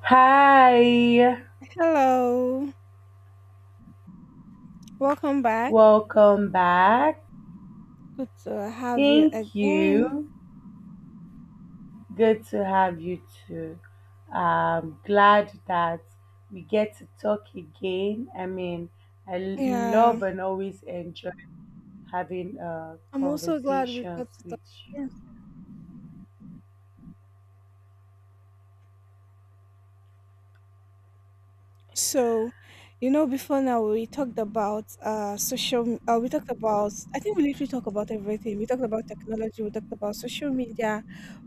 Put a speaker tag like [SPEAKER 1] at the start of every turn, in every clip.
[SPEAKER 1] Hi,
[SPEAKER 2] Hello, welcome back.
[SPEAKER 1] welcome back.
[SPEAKER 2] Good to have you
[SPEAKER 1] Thank
[SPEAKER 2] again.
[SPEAKER 1] you. Good to have you too. I'm glad that we get to talk again. I mean, I
[SPEAKER 2] Yeah,
[SPEAKER 1] love and always enjoy having
[SPEAKER 2] I'm also glad we
[SPEAKER 1] conversations
[SPEAKER 2] got to talk
[SPEAKER 1] with you.
[SPEAKER 2] again. So, you know, before now we talked about social. We talked about. I think we literally talked about everything. We talked about technology. We talked about social media.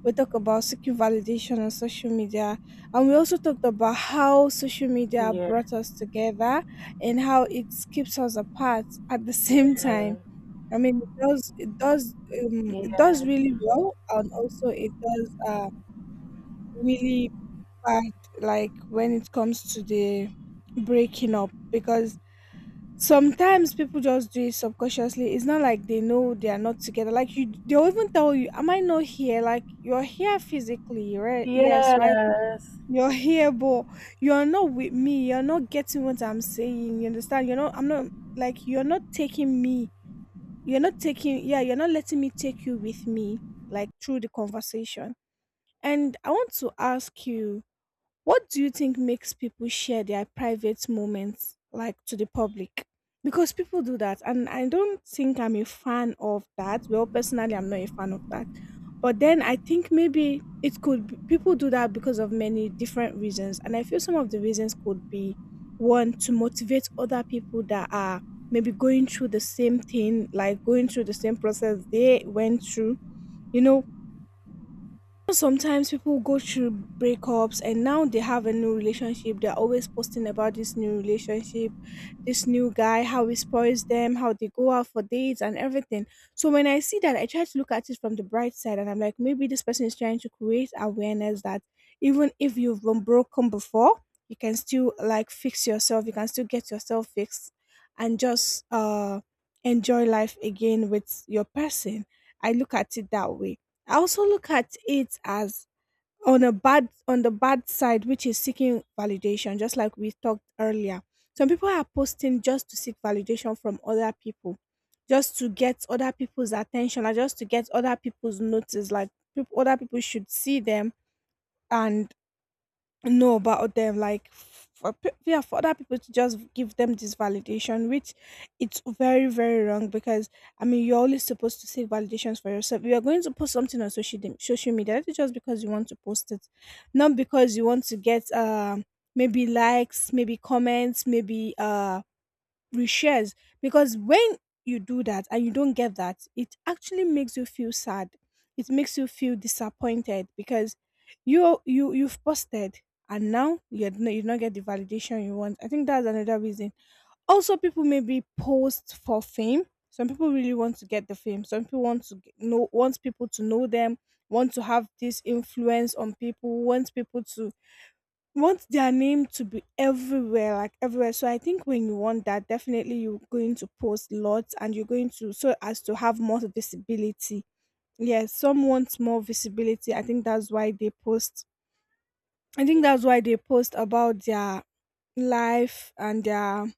[SPEAKER 2] We talked about seeking validation on social media, and we also talked about how social media brought us together and how it keeps us apart at the same time.
[SPEAKER 1] Yeah,
[SPEAKER 2] I mean, it does,
[SPEAKER 1] yes,
[SPEAKER 2] it does really well, and also it does really bad, like when it comes to the breaking up, because sometimes people just do it subconsciously. It's not like they know they are not together. Like, you, they'll even tell you, "Am I not here?" Like, you're here physically, right? Yes, right.
[SPEAKER 1] yes.
[SPEAKER 2] You're here, but you're not with me. You're not getting what I'm saying. You understand? You're not. I'm not, like, you're not taking me, you're not taking, yeah, you're not letting me take you with me, like, through the conversation. And I want to ask you, what do you think makes people share their private moments, like, to the public? Because people do that, and I don't think I'm a fan of that. Well, personally, I'm not a fan of that. But then I think maybe it could be, people do that because of many different reasons, and I feel some of the reasons could be one, to motivate other people that are maybe going through the same thing, like going through the same process they went through. You know, sometimes people go through breakups and now they have a new relationship. They're always posting about this new relationship, this new guy, how he spoils them, how they go out for dates and everything. So when I see that, I try to look at it from the bright side, and I'm like, maybe this person is trying to create awareness that even if you've been broken before, you can still, like, fix yourself, you can still get yourself fixed and just enjoy life again with your person. I look at it that way. I also look at it as, on the bad side, which is seeking validation, just like we talked earlier. Some people are posting just to seek validation from other people, just to get other people's attention, or just to get other people's notice. Like, people, other people should see them and know about them, like, yeah, for other people to just give them this validation, which it's very, very wrong. Because, I mean, you're only supposed to seek validations for yourself. You're going to post something on social media that is just because you want to post it, not because you want to get maybe likes, maybe comments, maybe reshares. Because when you do that and you don't get that, it actually makes you feel sad. It makes you feel disappointed because you've posted and now you don't get the validation you want. I think that's another reason. Also, people maybe post for fame. Some people really want to get the fame. Some people want to know, wants people to know them, want to have this influence on people, wants people to want their name to be everywhere, like everywhere. So I think when you want that, definitely you're going to post lots, and you're going to, so as to have more visibility. Yes, some want more visibility. I think that's why they post. I think that's why they post about their life and their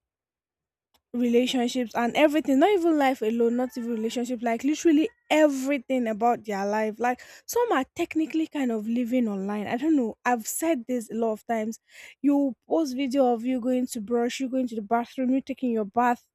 [SPEAKER 2] relationships and everything, not even life alone, not even relationship, like literally everything about their life. Like, some are technically kind of living online, I don't know. I've said this a lot of times. You post video of you going to brush, you going to the bathroom, you taking your bath,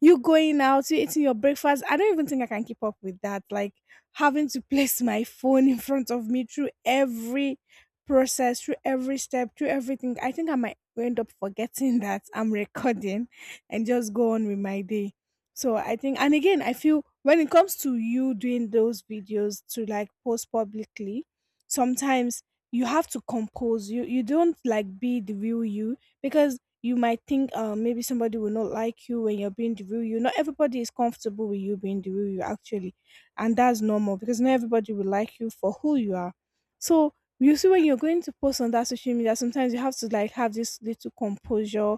[SPEAKER 2] you going out, you eating your breakfast. I don't even think I can keep up with that. Like, having to place my phone in front of me through every process, through every step, through everything, I think I might end up forgetting that I'm recording and just go on with my day. So I think, and again, I feel when it comes to you doing those videos to, like, post publicly, sometimes you have to compose. You don't, like, be the real you, because you might think, maybe somebody will not like you when you're being the real you. Not everybody is comfortable with you being the real you, actually. And that's normal, because not everybody will like you for who you are. So, you see, when you're going to post on that social media, sometimes you have to, like, have this little composure.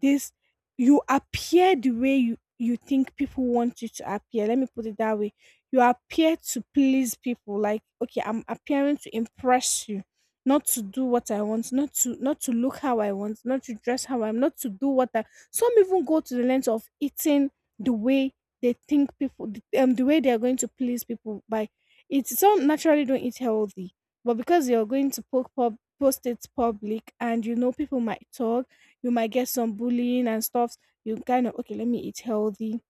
[SPEAKER 2] This, you appear the way you think people want you to appear. Let me put it that way. You appear to please people. Like, okay, I'm appearing to impress you, not to do what I want, not to look how I want, not to dress how I'm, not to do what I. Some even go to the length of eating the way they think people, the way they are going to please people by. It, some naturally don't eat healthy, but because you're going to post it public, and you know people might talk, you might get some bullying and stuff. You kind of, okay, let me eat healthy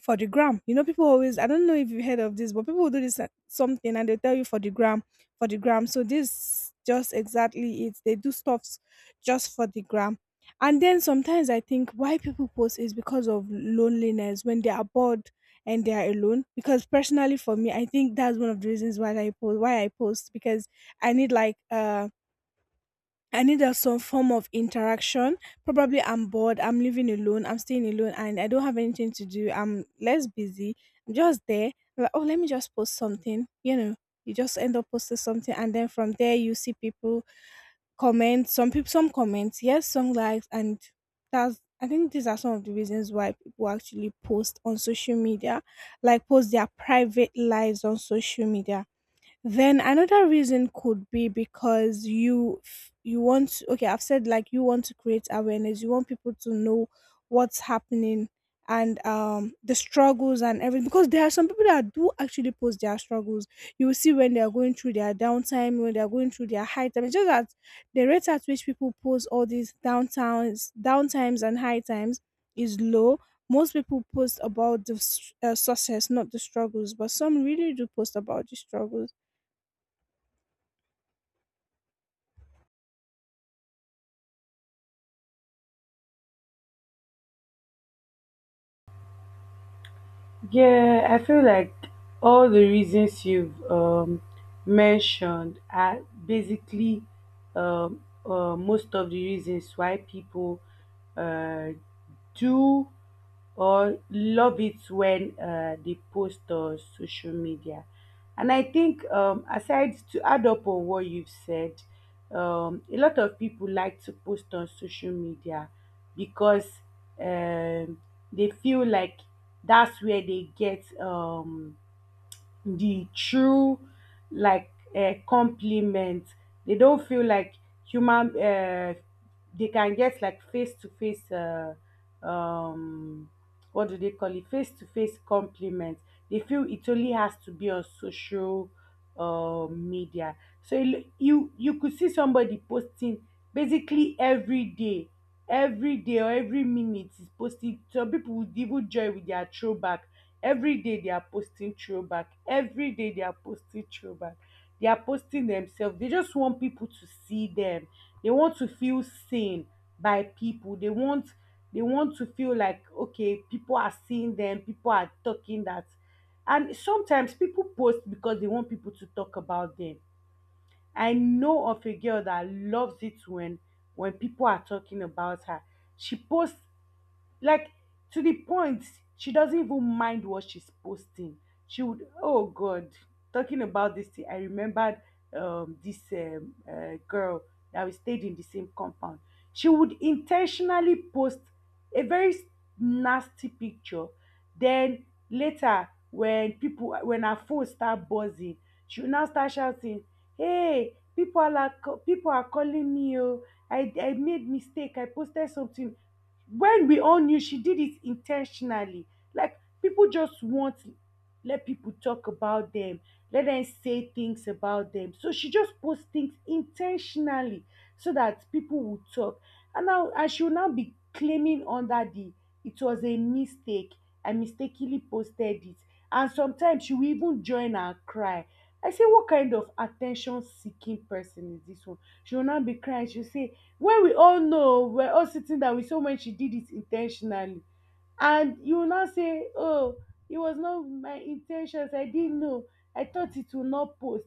[SPEAKER 2] for the gram. You know, people always, I don't know if you've heard of this, but people will do this, something, and they tell you, for the gram, for the gram. So this, just exactly it. They do stuffs just for the gram. And then sometimes I think why people post is because of loneliness, when they are bored and they are alone. Because personally for me, I think that's one of the reasons why I post, because I need, like, I need a some form of interaction. Probably I'm bored, I'm living alone, I'm staying alone, and I don't have anything to do. I'm less busy. I'm just there. I'm like, oh, let me just post something. You know, you just end up posting something, and then from there you see people comment. Some people, some comments, yes, some likes, and that's. I think these are some of the reasons why people actually post on social media, like post their private lives on social media. Then another reason could be because okay, I've said, like, you want to create awareness. You want people to know what's happening and the struggles and everything, because there are some people that do actually post their struggles. You will see when they are going through their downtime, when they are going through their high time. It's just that the rate at which people post all these downtimes and high times is low. Most people post about the success, not the struggles, but some really do post about the struggles.
[SPEAKER 1] Yeah, I feel like all the reasons you've mentioned are basically most of the reasons why people uh, do or love it when they post on social media. And I think, aside to add up on what you've said, a lot of people like to post on social media because um, they feel like that's where they get the true like compliment. They don't feel like human. They can get like face to face. Um, what do they call it? Face to face compliment. They feel it only has to be on social media. So you could see somebody posting basically every day, every day or every minute is posting. Some people would even join with their throwback. Every day they are posting throwback, every day they are posting throwback, they are posting themselves. They just want people to see them, they want to feel seen by people. They want, they want to feel like okay, people are seeing them, people are talking that. And sometimes people post because they want people to talk about them. I know of a girl that loves it when people are talking about her. She posts, like, to the point she doesn't even mind what she's posting. She would, oh God, talking about this thing, I remembered this girl that we stayed in the same compound. She would intentionally post a very nasty picture. Then later, when people, when her phone start buzzing, she will now start shouting, "Hey, people are like, people are calling me! Oh, I made mistake. I posted something," when we all knew she did it intentionally. Like people just want to let people talk about them, let them say things about them. So she just posts things intentionally so that people will talk. And she will now be claiming under the, it was a mistake. I mistakenly posted it. And sometimes she will even join and cry. I say, what kind of attention seeking person is this one? She will not be crying. She'll say, when we all know, we're all sitting down, we saw when she did it intentionally, and you will now say, oh, it was not my intentions, I didn't know, I thought it will not post.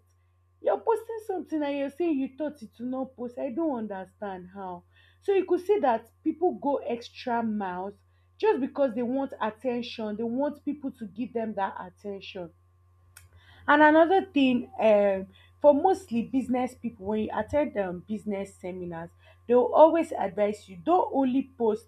[SPEAKER 1] You're posting something and you're saying you thought it will not post? I don't understand how. So you could see that people go extra miles just because they want attention, they want people to give them that attention. And another thing, for mostly business people, when you attend business seminars, they will always advise you, don't only post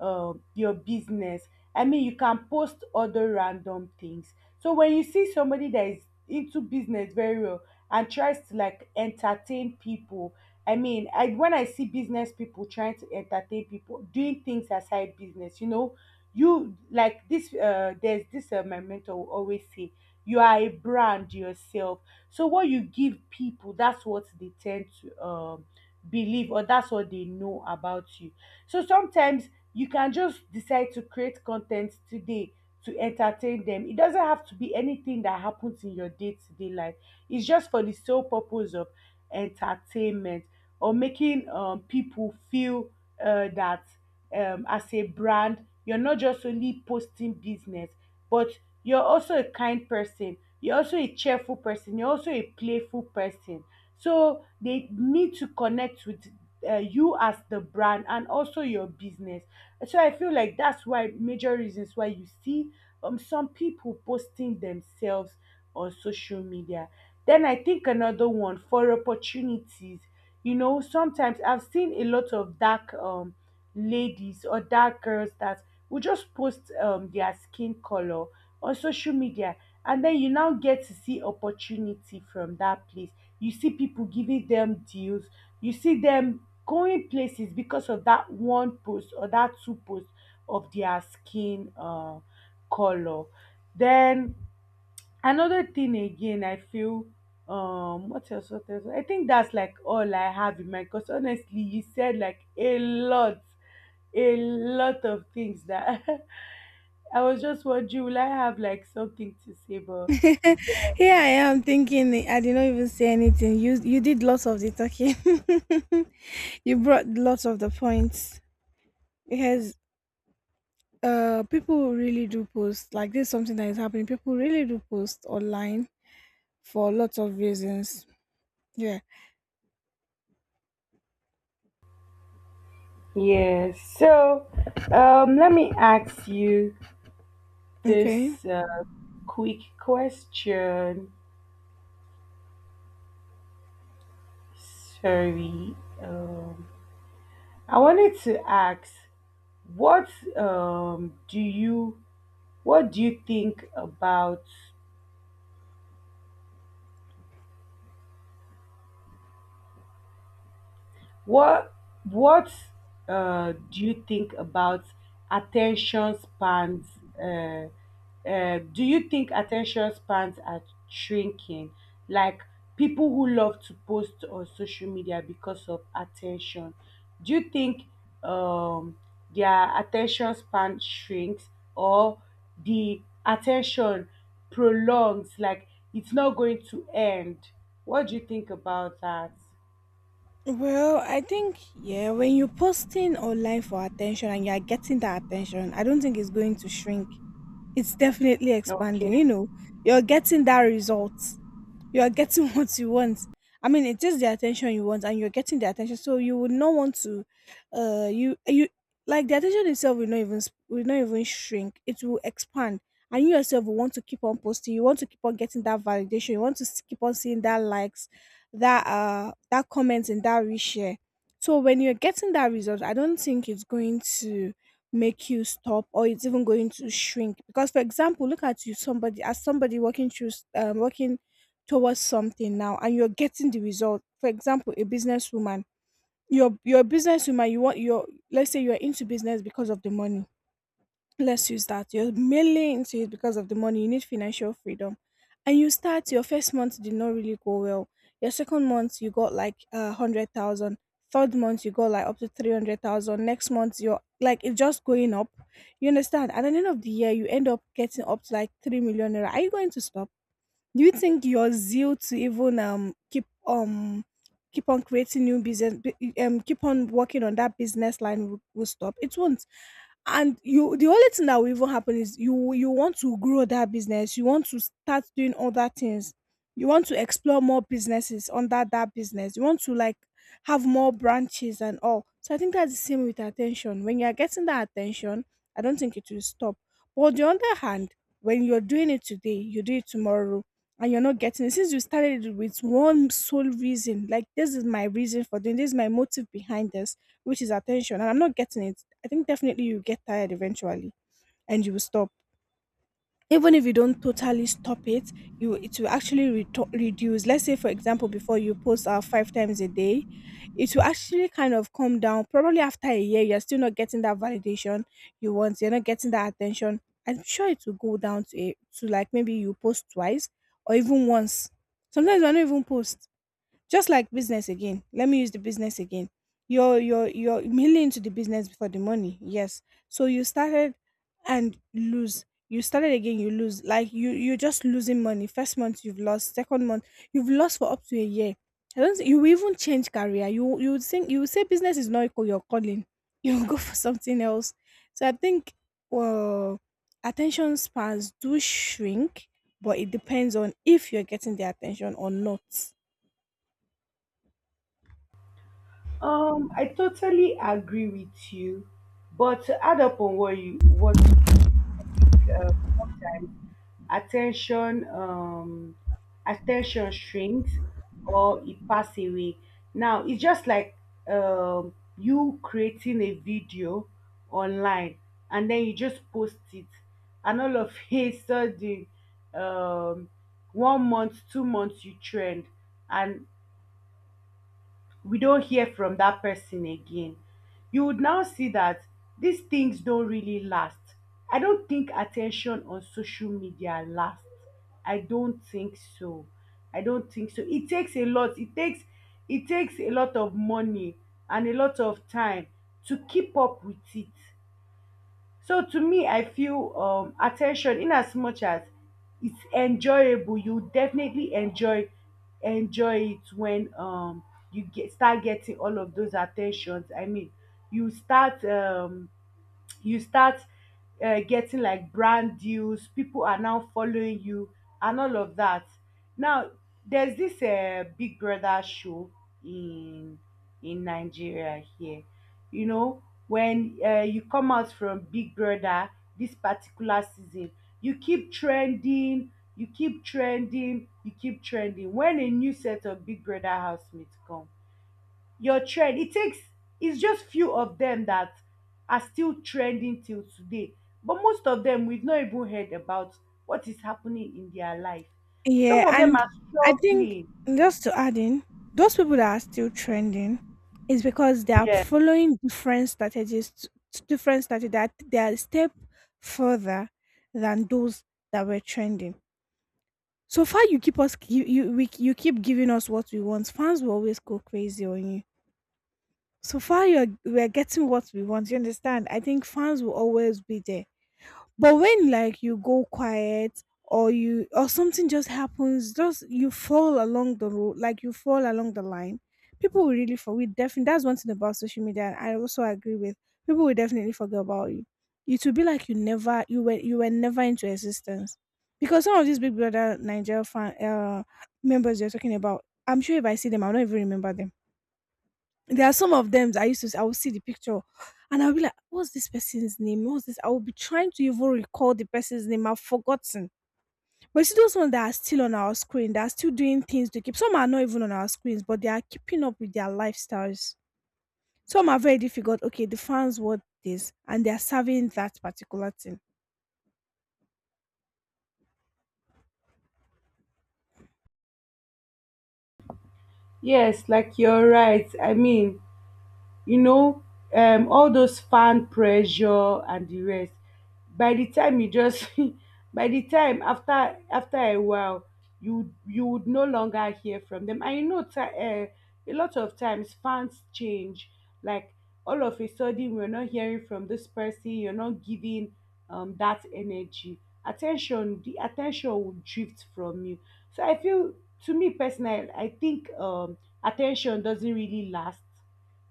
[SPEAKER 1] your business. I mean, you can post other random things. So when you see somebody that is into business very well and tries to like entertain people, I mean, I when I see business people trying to entertain people, doing things aside business, you know, you like this. There's this my mentor will always say, you are a brand yourself. So what you give people, that's what they tend to believe, or that's what they know about you. So sometimes you can just decide to create content today to entertain them. It doesn't have to be anything that happens in your day-to-day life. It's just for the sole purpose of entertainment, or making people feel that as a brand, you're not just only posting business, but you're also a kind person. You're also a cheerful person. You're also a playful person. So they need to connect with you as the brand and also your business. So I feel like that's why, major reasons why you see some people posting themselves on social media. Then I think another one for opportunities. You know, sometimes I've seen a lot of dark ladies or dark girls that will just post their skin color on social media, and then you now get to see opportunity from that place. You see people giving them deals, you see them going places because of that one post or that two post of their skin color. Then another thing again, I feel what else, what else? I think that's like all I have in mind because honestly, you said like a lot of things that I was just wondering, will I have like something to say? But
[SPEAKER 2] Here I am thinking I did not even say anything. You did lots of the talking. You brought lots of the points, because people really do post. Like, this is something that is happening. People really do post online for lots of reasons. Yeah.
[SPEAKER 1] yes. So let me ask you
[SPEAKER 2] Okay.
[SPEAKER 1] this quick question. Sorry, um, I wanted to ask, what um do you what do you think about, What what do you think about attention spans? Uh, do you think attention spans are shrinking? Like people who love to post on social media because of attention. Do you think um, their attention span shrinks, or the attention prolongs? Like it's not going to end. What do you think about that?
[SPEAKER 2] Well, I think, yeah, when you're posting online for attention and you're getting that attention, I don't think it's going to shrink. It's definitely
[SPEAKER 1] Okay.
[SPEAKER 2] expanding, you know. You're getting that result. You are getting what you want. I mean, it is the attention you want, and you're getting the attention. So you would not want to, you, like the attention itself will not even shrink. It will expand, and you yourself will want to keep on posting. You want to keep on getting that validation. You want to keep on seeing that likes, that that comments and that reshare. So when you're getting that result, I don't think it's going to make you stop, or it's even going to shrink. Because, for example, look at you, somebody, as somebody working through working towards something now, and you're getting the result. For example, a businesswoman, you're a businesswoman, you want your, let's say you're into business because of the money. Let's use that. You're mainly into it because of the money. You need financial freedom. And you start, your first month did not really go well. Your second month you got like 100,000. Third month you got like up to 300,000. Next month you're like, it's just going up. You understand? At the end of the year you end up getting up to like 3 million naira. Are you going to stop? Do you think your zeal to even keep keep on creating new business bu- keep on working on that business line will stop? It won't. And you the only thing that will even happen is you want to grow that business, you want to start doing other things, you want to explore more businesses under that business, you want to like have more branches and all. So I think that's the same with attention. When you are getting that attention, I don't think it will stop. But on the other hand, when you're doing it today, you do it tomorrow and you're not getting it, since you started it with one sole reason, like this is my reason for doing this is my motive behind this, which is attention, and I'm not getting it, I think definitely you get tired eventually and you will stop. Even if you don't totally stop it, you it will actually reduce. Let's say, for example, before you post five times a day, it will actually kind of come down. Probably after a year, you're still not getting that validation you want, you're not getting that attention, I'm sure it will go down to to like maybe you post twice or even once. Sometimes I don't even post. Just like business again. Let me use the business again. You're mainly into the business for the money. Yes. So you started and lose. You started again, you lose. Like you're just losing money. First month you've lost. Second month you've lost, for up to a year. I don't think you will even change career. You would think, you would say business is not equal your calling. You'll go for something else. So I think, well, attention spans do shrink, but it depends on if you're getting the attention or not.
[SPEAKER 1] I totally agree with you, but to add up on what you, uh, sometimes attention, attention shrinks or it pass away. Now it's just like you creating a video online and then you just post it, and all of a sudden, um, 1 month, 2 months you trend, and we don't hear from that person again. You would now see that these things don't really last. I don't think attention on social media lasts. I don't think so. I don't think so. It takes a lot. It takes a lot of money and a lot of time to keep up with it. So to me, I feel attention, in as much as it's enjoyable, you definitely enjoy it when you get, start getting all of those attentions. I mean, you start um, you start getting like brand deals, people are now following you and all of that. Now there's this Big Brother show in Nigeria here. You know when you come out from Big Brother this particular season, you keep trending, you keep trending, you keep trending. When a new set of Big Brother housemates come, your trend, it takes, it's just few of them that are still trending till today, but most of them we've not even heard about what is happening in their life. Some
[SPEAKER 2] Yeah,
[SPEAKER 1] of them
[SPEAKER 2] and
[SPEAKER 1] are
[SPEAKER 2] I think,
[SPEAKER 1] struggling.
[SPEAKER 2] just to add in, those people that are still trending is because they are following different strategies, different strategy, that they are a step further than those that were trending. So far, you keep giving us what we want. Fans will always go crazy on you. So far, you're we're getting what we want. You understand? I think fans will always be there. But when like you go quiet, or you, or something just happens, just you fall along the road, like you fall along the line, people will really, for we definitely, that's one thing about social media I also agree with, people will definitely forget about you. It will be like you never, you were never into existence. Because some of these Big Brother Nigeria fan members you're talking about, I'm sure if I see them, I'll not even remember them. There are some of them that I used to see, I will see the picture and I'll be like, what's this person's name? What's this? I will be trying to even recall the person's name. I've forgotten. But you see those ones that are still on our screen, they are still doing things to keep. Some are not even on our screens, but they are keeping up with their lifestyles. Some are very difficult. Okay, the fans want this and they are serving that particular thing.
[SPEAKER 1] Yes, like you're right. I mean, you know, all those fan pressure and the rest. By the time you just, by the time after a while, you would no longer hear from them. And you know, ti a lot of times fans change. Like all of a sudden, we're not hearing from this person. You're not giving that energy, attention. The attention will drift from you. So I feel, to me personally, I think attention doesn't really last,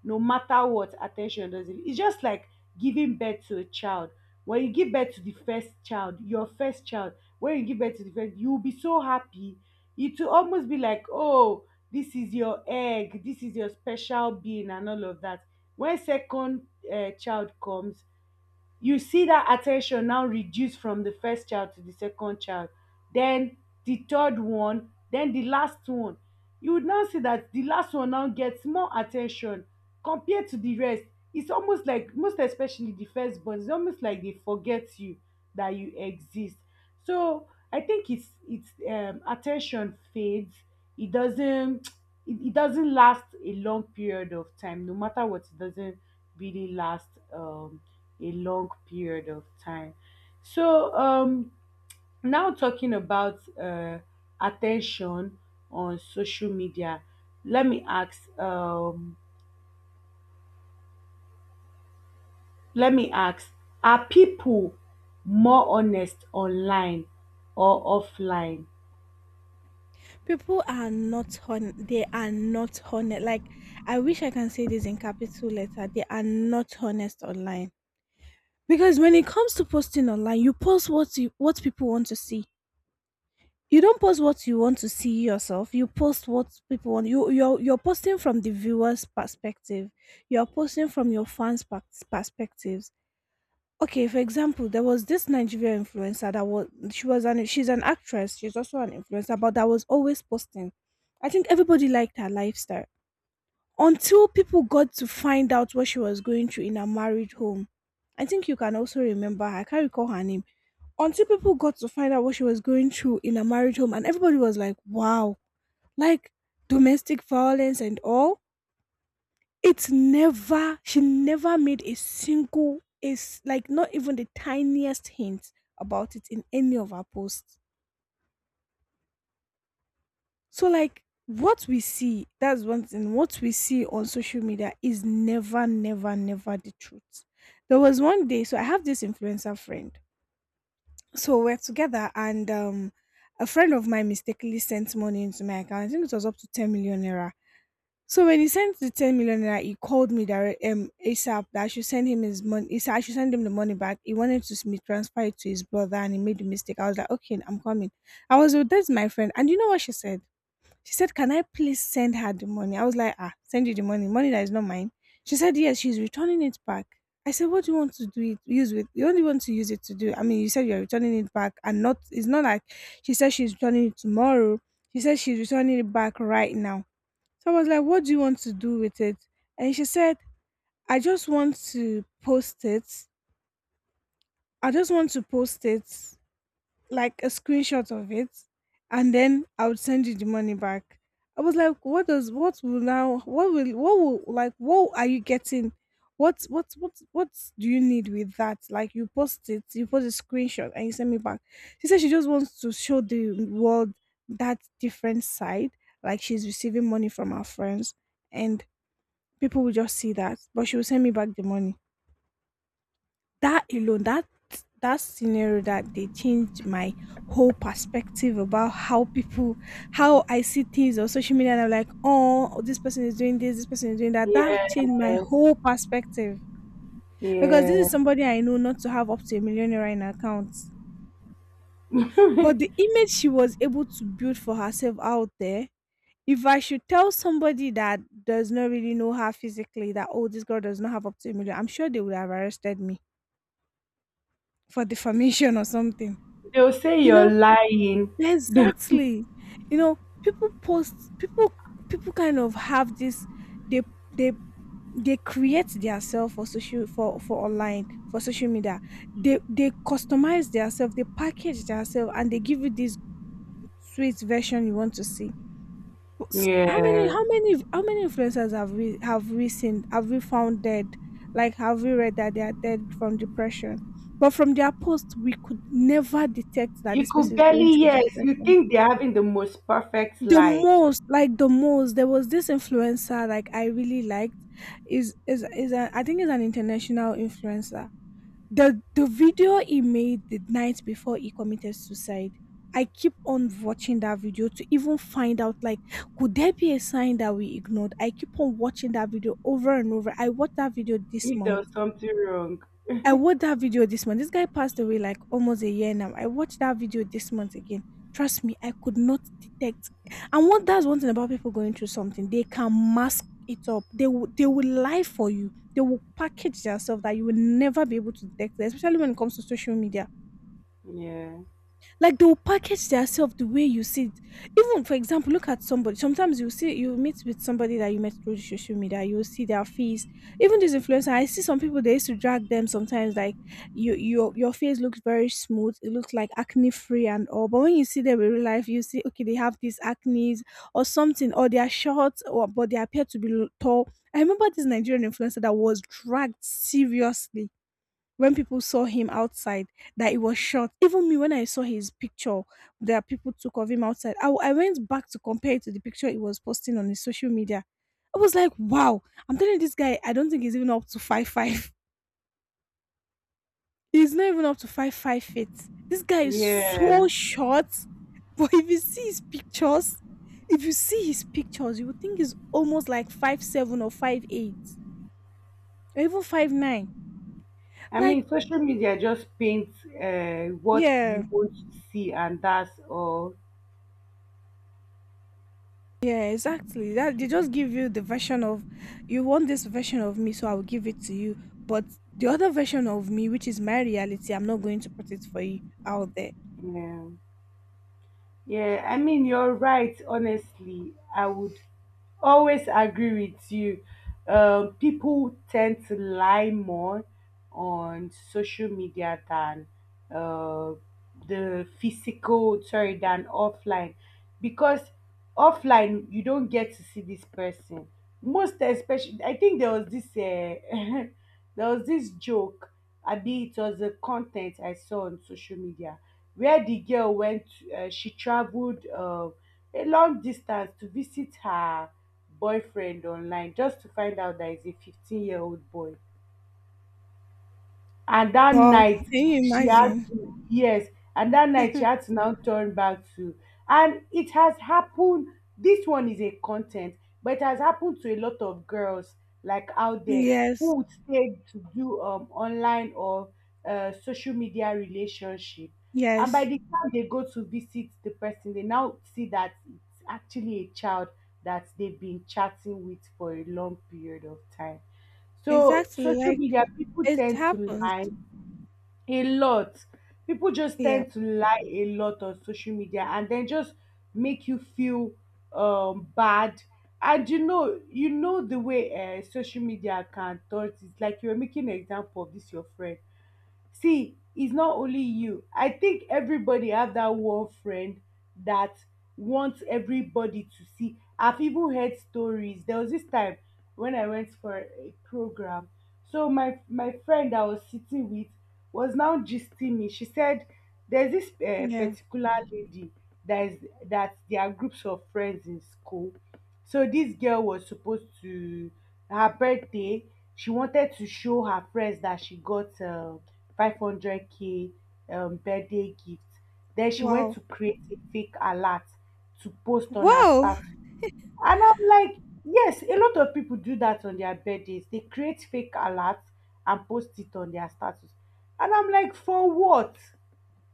[SPEAKER 1] no matter what. Attention doesn't. It's just like giving birth to a child. When you give birth to the first child, your first child, when you give birth to the first, you'll be so happy. It will almost be like, oh, this is your egg, this is your special being and all of that. When second child comes, you see that attention now reduce from the first child to the second child, then the third one, then the last one. You would now see that the last one now gets more attention compared to the rest. It's almost like, most especially the firstborn, it's almost like they forget you, that you exist. So I think it's at fades. It doesn't it doesn't last a long period of time, no matter what. It doesn't really last a long period of time. So now talking about attention on social media, let me ask. Let me ask: are people more honest online or offline?
[SPEAKER 2] People are not hon., they are not honest. Like, I wish I can say this in capital letter. They are not honest online. Because when it comes to posting online, you post what you, what people want to see. You don't post what you want to see yourself. You post what people want. You're posting from the viewer's perspective. You're posting from your fans' perspectives. Okay, for example, there was this Nigerian influencer that was, she's an actress. She's also an influencer, but that was always posting. I think everybody liked her lifestyle until people got to find out what she was going through in her married home. I think you can also remember her, I can't recall her name. Until people got to find out what she was going through in her married home, and everybody was like, wow, like, domestic violence and all. It's never, she never made a single, is like not even the tiniest hint about it in any of her posts. So, like, what we see, that's one thing, what we see on social media is never, never, never the truth. There was one day, so I have this influencer friend. So we're together, and a friend of mine mistakenly sent money into my account. I think it was up to 10 million naira. So when he sent the 10 million naira, he called me direct, ASAP, that I should send him his money. He said I should send him the money back. He wanted to me transfer it to his brother, and he made the mistake. I was like, okay, I'm coming. I was with this my friend, and you know what she said? She said, can I please send her the money? I was like, ah, send you the money, money that is not mine. She said, yes, she's returning it back. I said, what do you want to do it use with, you only want to use it to do? I mean, you said you're returning it back, and not it's not like she said she's returning it tomorrow. She said she's returning it back right now. So I was like, what do you want to do with it? And she said, I just want to post it. I just want to post it, like a screenshot of it, and then I would send you the money back. I was like, what does what will now what will like what are you getting? What do you need with that? Like, you post it, you post a screenshot and you send me back. She said she just wants to show the world that different side, like she's receiving money from her friends, and people will just see that, but she will send me back the money. That alone, that, that scenario, that they changed my whole perspective about how people, how I see things on social media, and I'm like, oh, this person is doing this, this person is doing that. That changed my
[SPEAKER 1] Yes.
[SPEAKER 2] whole perspective, because this is
[SPEAKER 1] Yes.
[SPEAKER 2] somebody I know not to have up to a million naira in her account. But the image she was able to build for herself out there, if I should tell somebody that does not really know her physically that, oh, this girl does not have up to a million, I'm sure they would have arrested me for defamation or something,
[SPEAKER 1] They'll say
[SPEAKER 2] you
[SPEAKER 1] you're
[SPEAKER 2] know.
[SPEAKER 1] lying. They'll—
[SPEAKER 2] Exactly. You know, people post, people, people kind of have this, they they they create themselves for social, for online, for social media. They customize themselves, they package themselves and they give you this sweet version you want to see. But s-, How many
[SPEAKER 1] Yes.
[SPEAKER 2] how many how many influencers have we, have we seen, have we found dead? Like, have we read that they are dead from depression? But from their post we could never detect that
[SPEAKER 1] You
[SPEAKER 2] this
[SPEAKER 1] could
[SPEAKER 2] person is going
[SPEAKER 1] barely,
[SPEAKER 2] through
[SPEAKER 1] yes, you
[SPEAKER 2] depression.
[SPEAKER 1] think they're having the most perfect
[SPEAKER 2] the
[SPEAKER 1] life,
[SPEAKER 2] most like the most there was this influencer like I really liked, is a, I think is an international influencer. The video he made the night before he committed suicide, I keep on watching that video to even find out like, could there be a sign that we ignored. I keep on watching that video over and over. I watched that video this
[SPEAKER 1] if there
[SPEAKER 2] month.
[SPEAKER 1] was something wrong.
[SPEAKER 2] I watched that video this month. This guy passed away like almost a year now. I watched that video this month again. Trust me, I could not detect. And what that's one thing about people going through something, they can mask it up. They will lie for you. They will package themselves that you will never be able to detect, especially when it comes to social media,
[SPEAKER 1] Yeah.
[SPEAKER 2] like they will package themselves the way you see it. Even for example, look at somebody. Sometimes you see, you meet with somebody that you met through the social media. You will see their face. Even these influencers, I see some people they used to drag them sometimes. Like, you, your face looks very smooth. It looks like acne free and all. But when you see them in real life, you see okay they have these acne or something, or they are short, or but they appear to be tall. I remember this Nigerian influencer that was dragged seriously when people saw him outside, that he was short. Even me, when I saw his picture that people took of him outside, I went back to compare it to the picture he was posting on his social media. I was like, wow, I'm telling you, this guy, I don't think he's even up to five five. He's not even up to 5'5" feet. This guy is so
[SPEAKER 1] Yeah,
[SPEAKER 2] short. But if you see his pictures, if you see his pictures, you would think he's almost like 5'7" or 5'8" or even 5'9".
[SPEAKER 1] I
[SPEAKER 2] Like,
[SPEAKER 1] mean, social media just paints what we
[SPEAKER 2] yeah.
[SPEAKER 1] want to see, and that's all.
[SPEAKER 2] Yeah, exactly. That they just give you the version of, you want this version of me, so I'll give it to you. But the other version of me, which is my reality, I'm not going to put it for you out there.
[SPEAKER 1] Yeah. Yeah, I mean, you're right. Honestly, I would always agree with you. People tend to lie more on social media than uh, the physical, sorry, than offline, because offline you don't get to see this person. Most especially, I think there was this. There was this joke, Abi. It was a content I saw on social media where the girl went, she traveled a long distance to visit her boyfriend online just to find out that he's a 15-year-old boy and that
[SPEAKER 2] Wow,
[SPEAKER 1] night
[SPEAKER 2] can you
[SPEAKER 1] she had
[SPEAKER 2] imagine?
[SPEAKER 1] to. Yes, and that night she had to now turn back to. And it has happened. This one is a content, but it has happened to a lot of girls like out there,
[SPEAKER 2] Yes,
[SPEAKER 1] who would stay to do online or social media relationship, and by
[SPEAKER 2] yes,
[SPEAKER 1] the time they go to visit the person they now see that it's actually a child that they've been chatting with for a long period of time. So
[SPEAKER 2] exactly.
[SPEAKER 1] social
[SPEAKER 2] Like,
[SPEAKER 1] media, people
[SPEAKER 2] it
[SPEAKER 1] tend to
[SPEAKER 2] happens.
[SPEAKER 1] lie a lot. People just
[SPEAKER 2] Yeah,
[SPEAKER 1] tend to lie a lot on social media and then just make you feel bad. And you know the way social media can turn it. It's like you are making an example of this your friend. See, it's not only you. I think everybody have that one friend that wants everybody to see. I've even heard stories. There was this time when I went for a program, so my friend I was sitting with was now gisting me. She said there's this
[SPEAKER 2] yeah.
[SPEAKER 1] particular lady that is, that there are groups of friends in school. So this girl was supposed to, her birthday, she wanted to show her friends that she got 500k birthday gift. Then she went
[SPEAKER 2] Wow.
[SPEAKER 1] to create a fake alert to post on her
[SPEAKER 2] Wow.
[SPEAKER 1] status. And I'm like, yes, a lot of people do that on their birthdays. They create fake alerts and post it on their status. And I'm like, for what?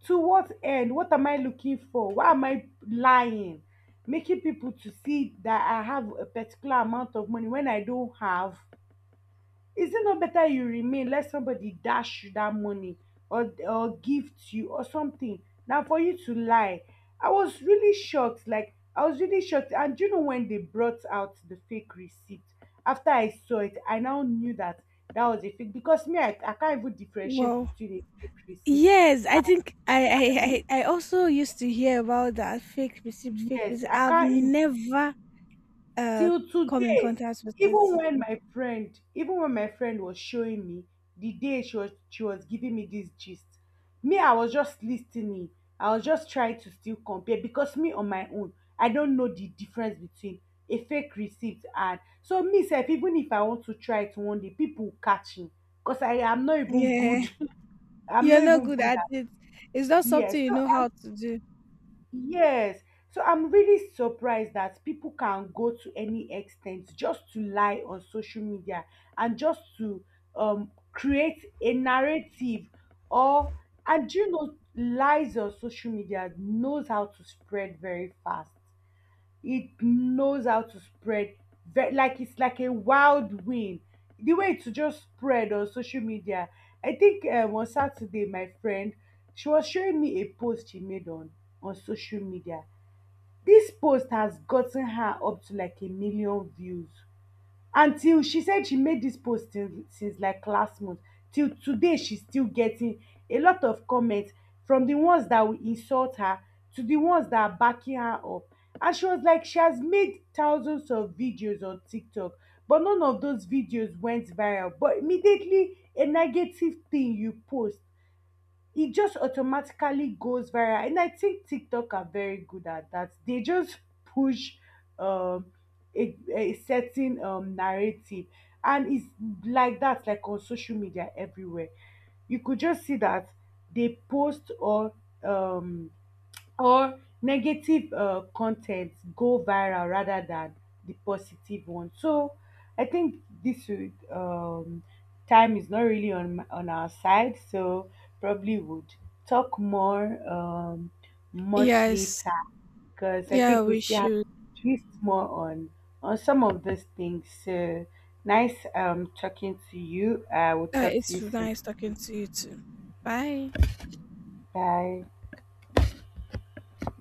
[SPEAKER 1] To what end? What am I looking for? Why am I lying? Making people to see that I have a particular amount of money when I don't have. Is it not better you remain, let somebody dash you that money or gift you or something? Now for you to lie. I was really shocked. Like I was really shocked. And do you know when they brought out the fake receipt? After I saw it, I now knew that that was a fake, because me, I can't even differentiate
[SPEAKER 2] Wow.
[SPEAKER 1] between a fake receipt
[SPEAKER 2] Yes, I think I,
[SPEAKER 1] and.
[SPEAKER 2] I I I also used to hear about that fake receipt, fake
[SPEAKER 1] Yes,
[SPEAKER 2] receipt.
[SPEAKER 1] I
[SPEAKER 2] I've
[SPEAKER 1] can't eat
[SPEAKER 2] never uh
[SPEAKER 1] till
[SPEAKER 2] come in
[SPEAKER 1] today.
[SPEAKER 2] contact with it.
[SPEAKER 1] Even when my friend, even when my friend was showing me the day she was giving me this gist, me I was just listening. I was just trying to still compare because me on my own, I don't know the difference between a fake receipt. And so me self, even if I want to try it one day, people will catch me because I am not even
[SPEAKER 2] Yeah,
[SPEAKER 1] good. I'm
[SPEAKER 2] you're
[SPEAKER 1] not
[SPEAKER 2] not
[SPEAKER 1] even
[SPEAKER 2] good
[SPEAKER 1] good
[SPEAKER 2] at
[SPEAKER 1] at.
[SPEAKER 2] it. It's not
[SPEAKER 1] Yes.
[SPEAKER 2] something you
[SPEAKER 1] So
[SPEAKER 2] know how to do.
[SPEAKER 1] yes. So I'm really surprised that people can go to any extent just to lie on social media and just to create a narrative, or, and you know lies on social media knows how to spread very fast. It knows how to spread like it's like a wild wind the way to just spread on social media. I think on Saturday my friend, she was showing me a post she made on social media. This post has gotten her up to like 1 million views. Until she said she made this post till since like last month, till today she's still getting a lot of comments, from the ones that will insult her to the ones that are backing her up. And she was like, she has made thousands of videos on TikTok, but none of those videos went viral, but immediately a negative thing you post, it just automatically goes viral. And I think TikTok are very good at that. They just push um, a certain narrative. And it's like that, like on social media everywhere. You could just see that they post um, or negative content go viral rather than the positive one. So I think this would, time is not really on my, on our side, so probably would talk more, much
[SPEAKER 2] Yes.
[SPEAKER 1] later, because I
[SPEAKER 2] Yeah,
[SPEAKER 1] think we
[SPEAKER 2] we
[SPEAKER 1] still have
[SPEAKER 2] should.
[SPEAKER 1] to twist more on some of those things. So nice talking to you. I will talk to
[SPEAKER 2] It's
[SPEAKER 1] you soon.
[SPEAKER 2] nice talking to you too. Bye.
[SPEAKER 1] Bye.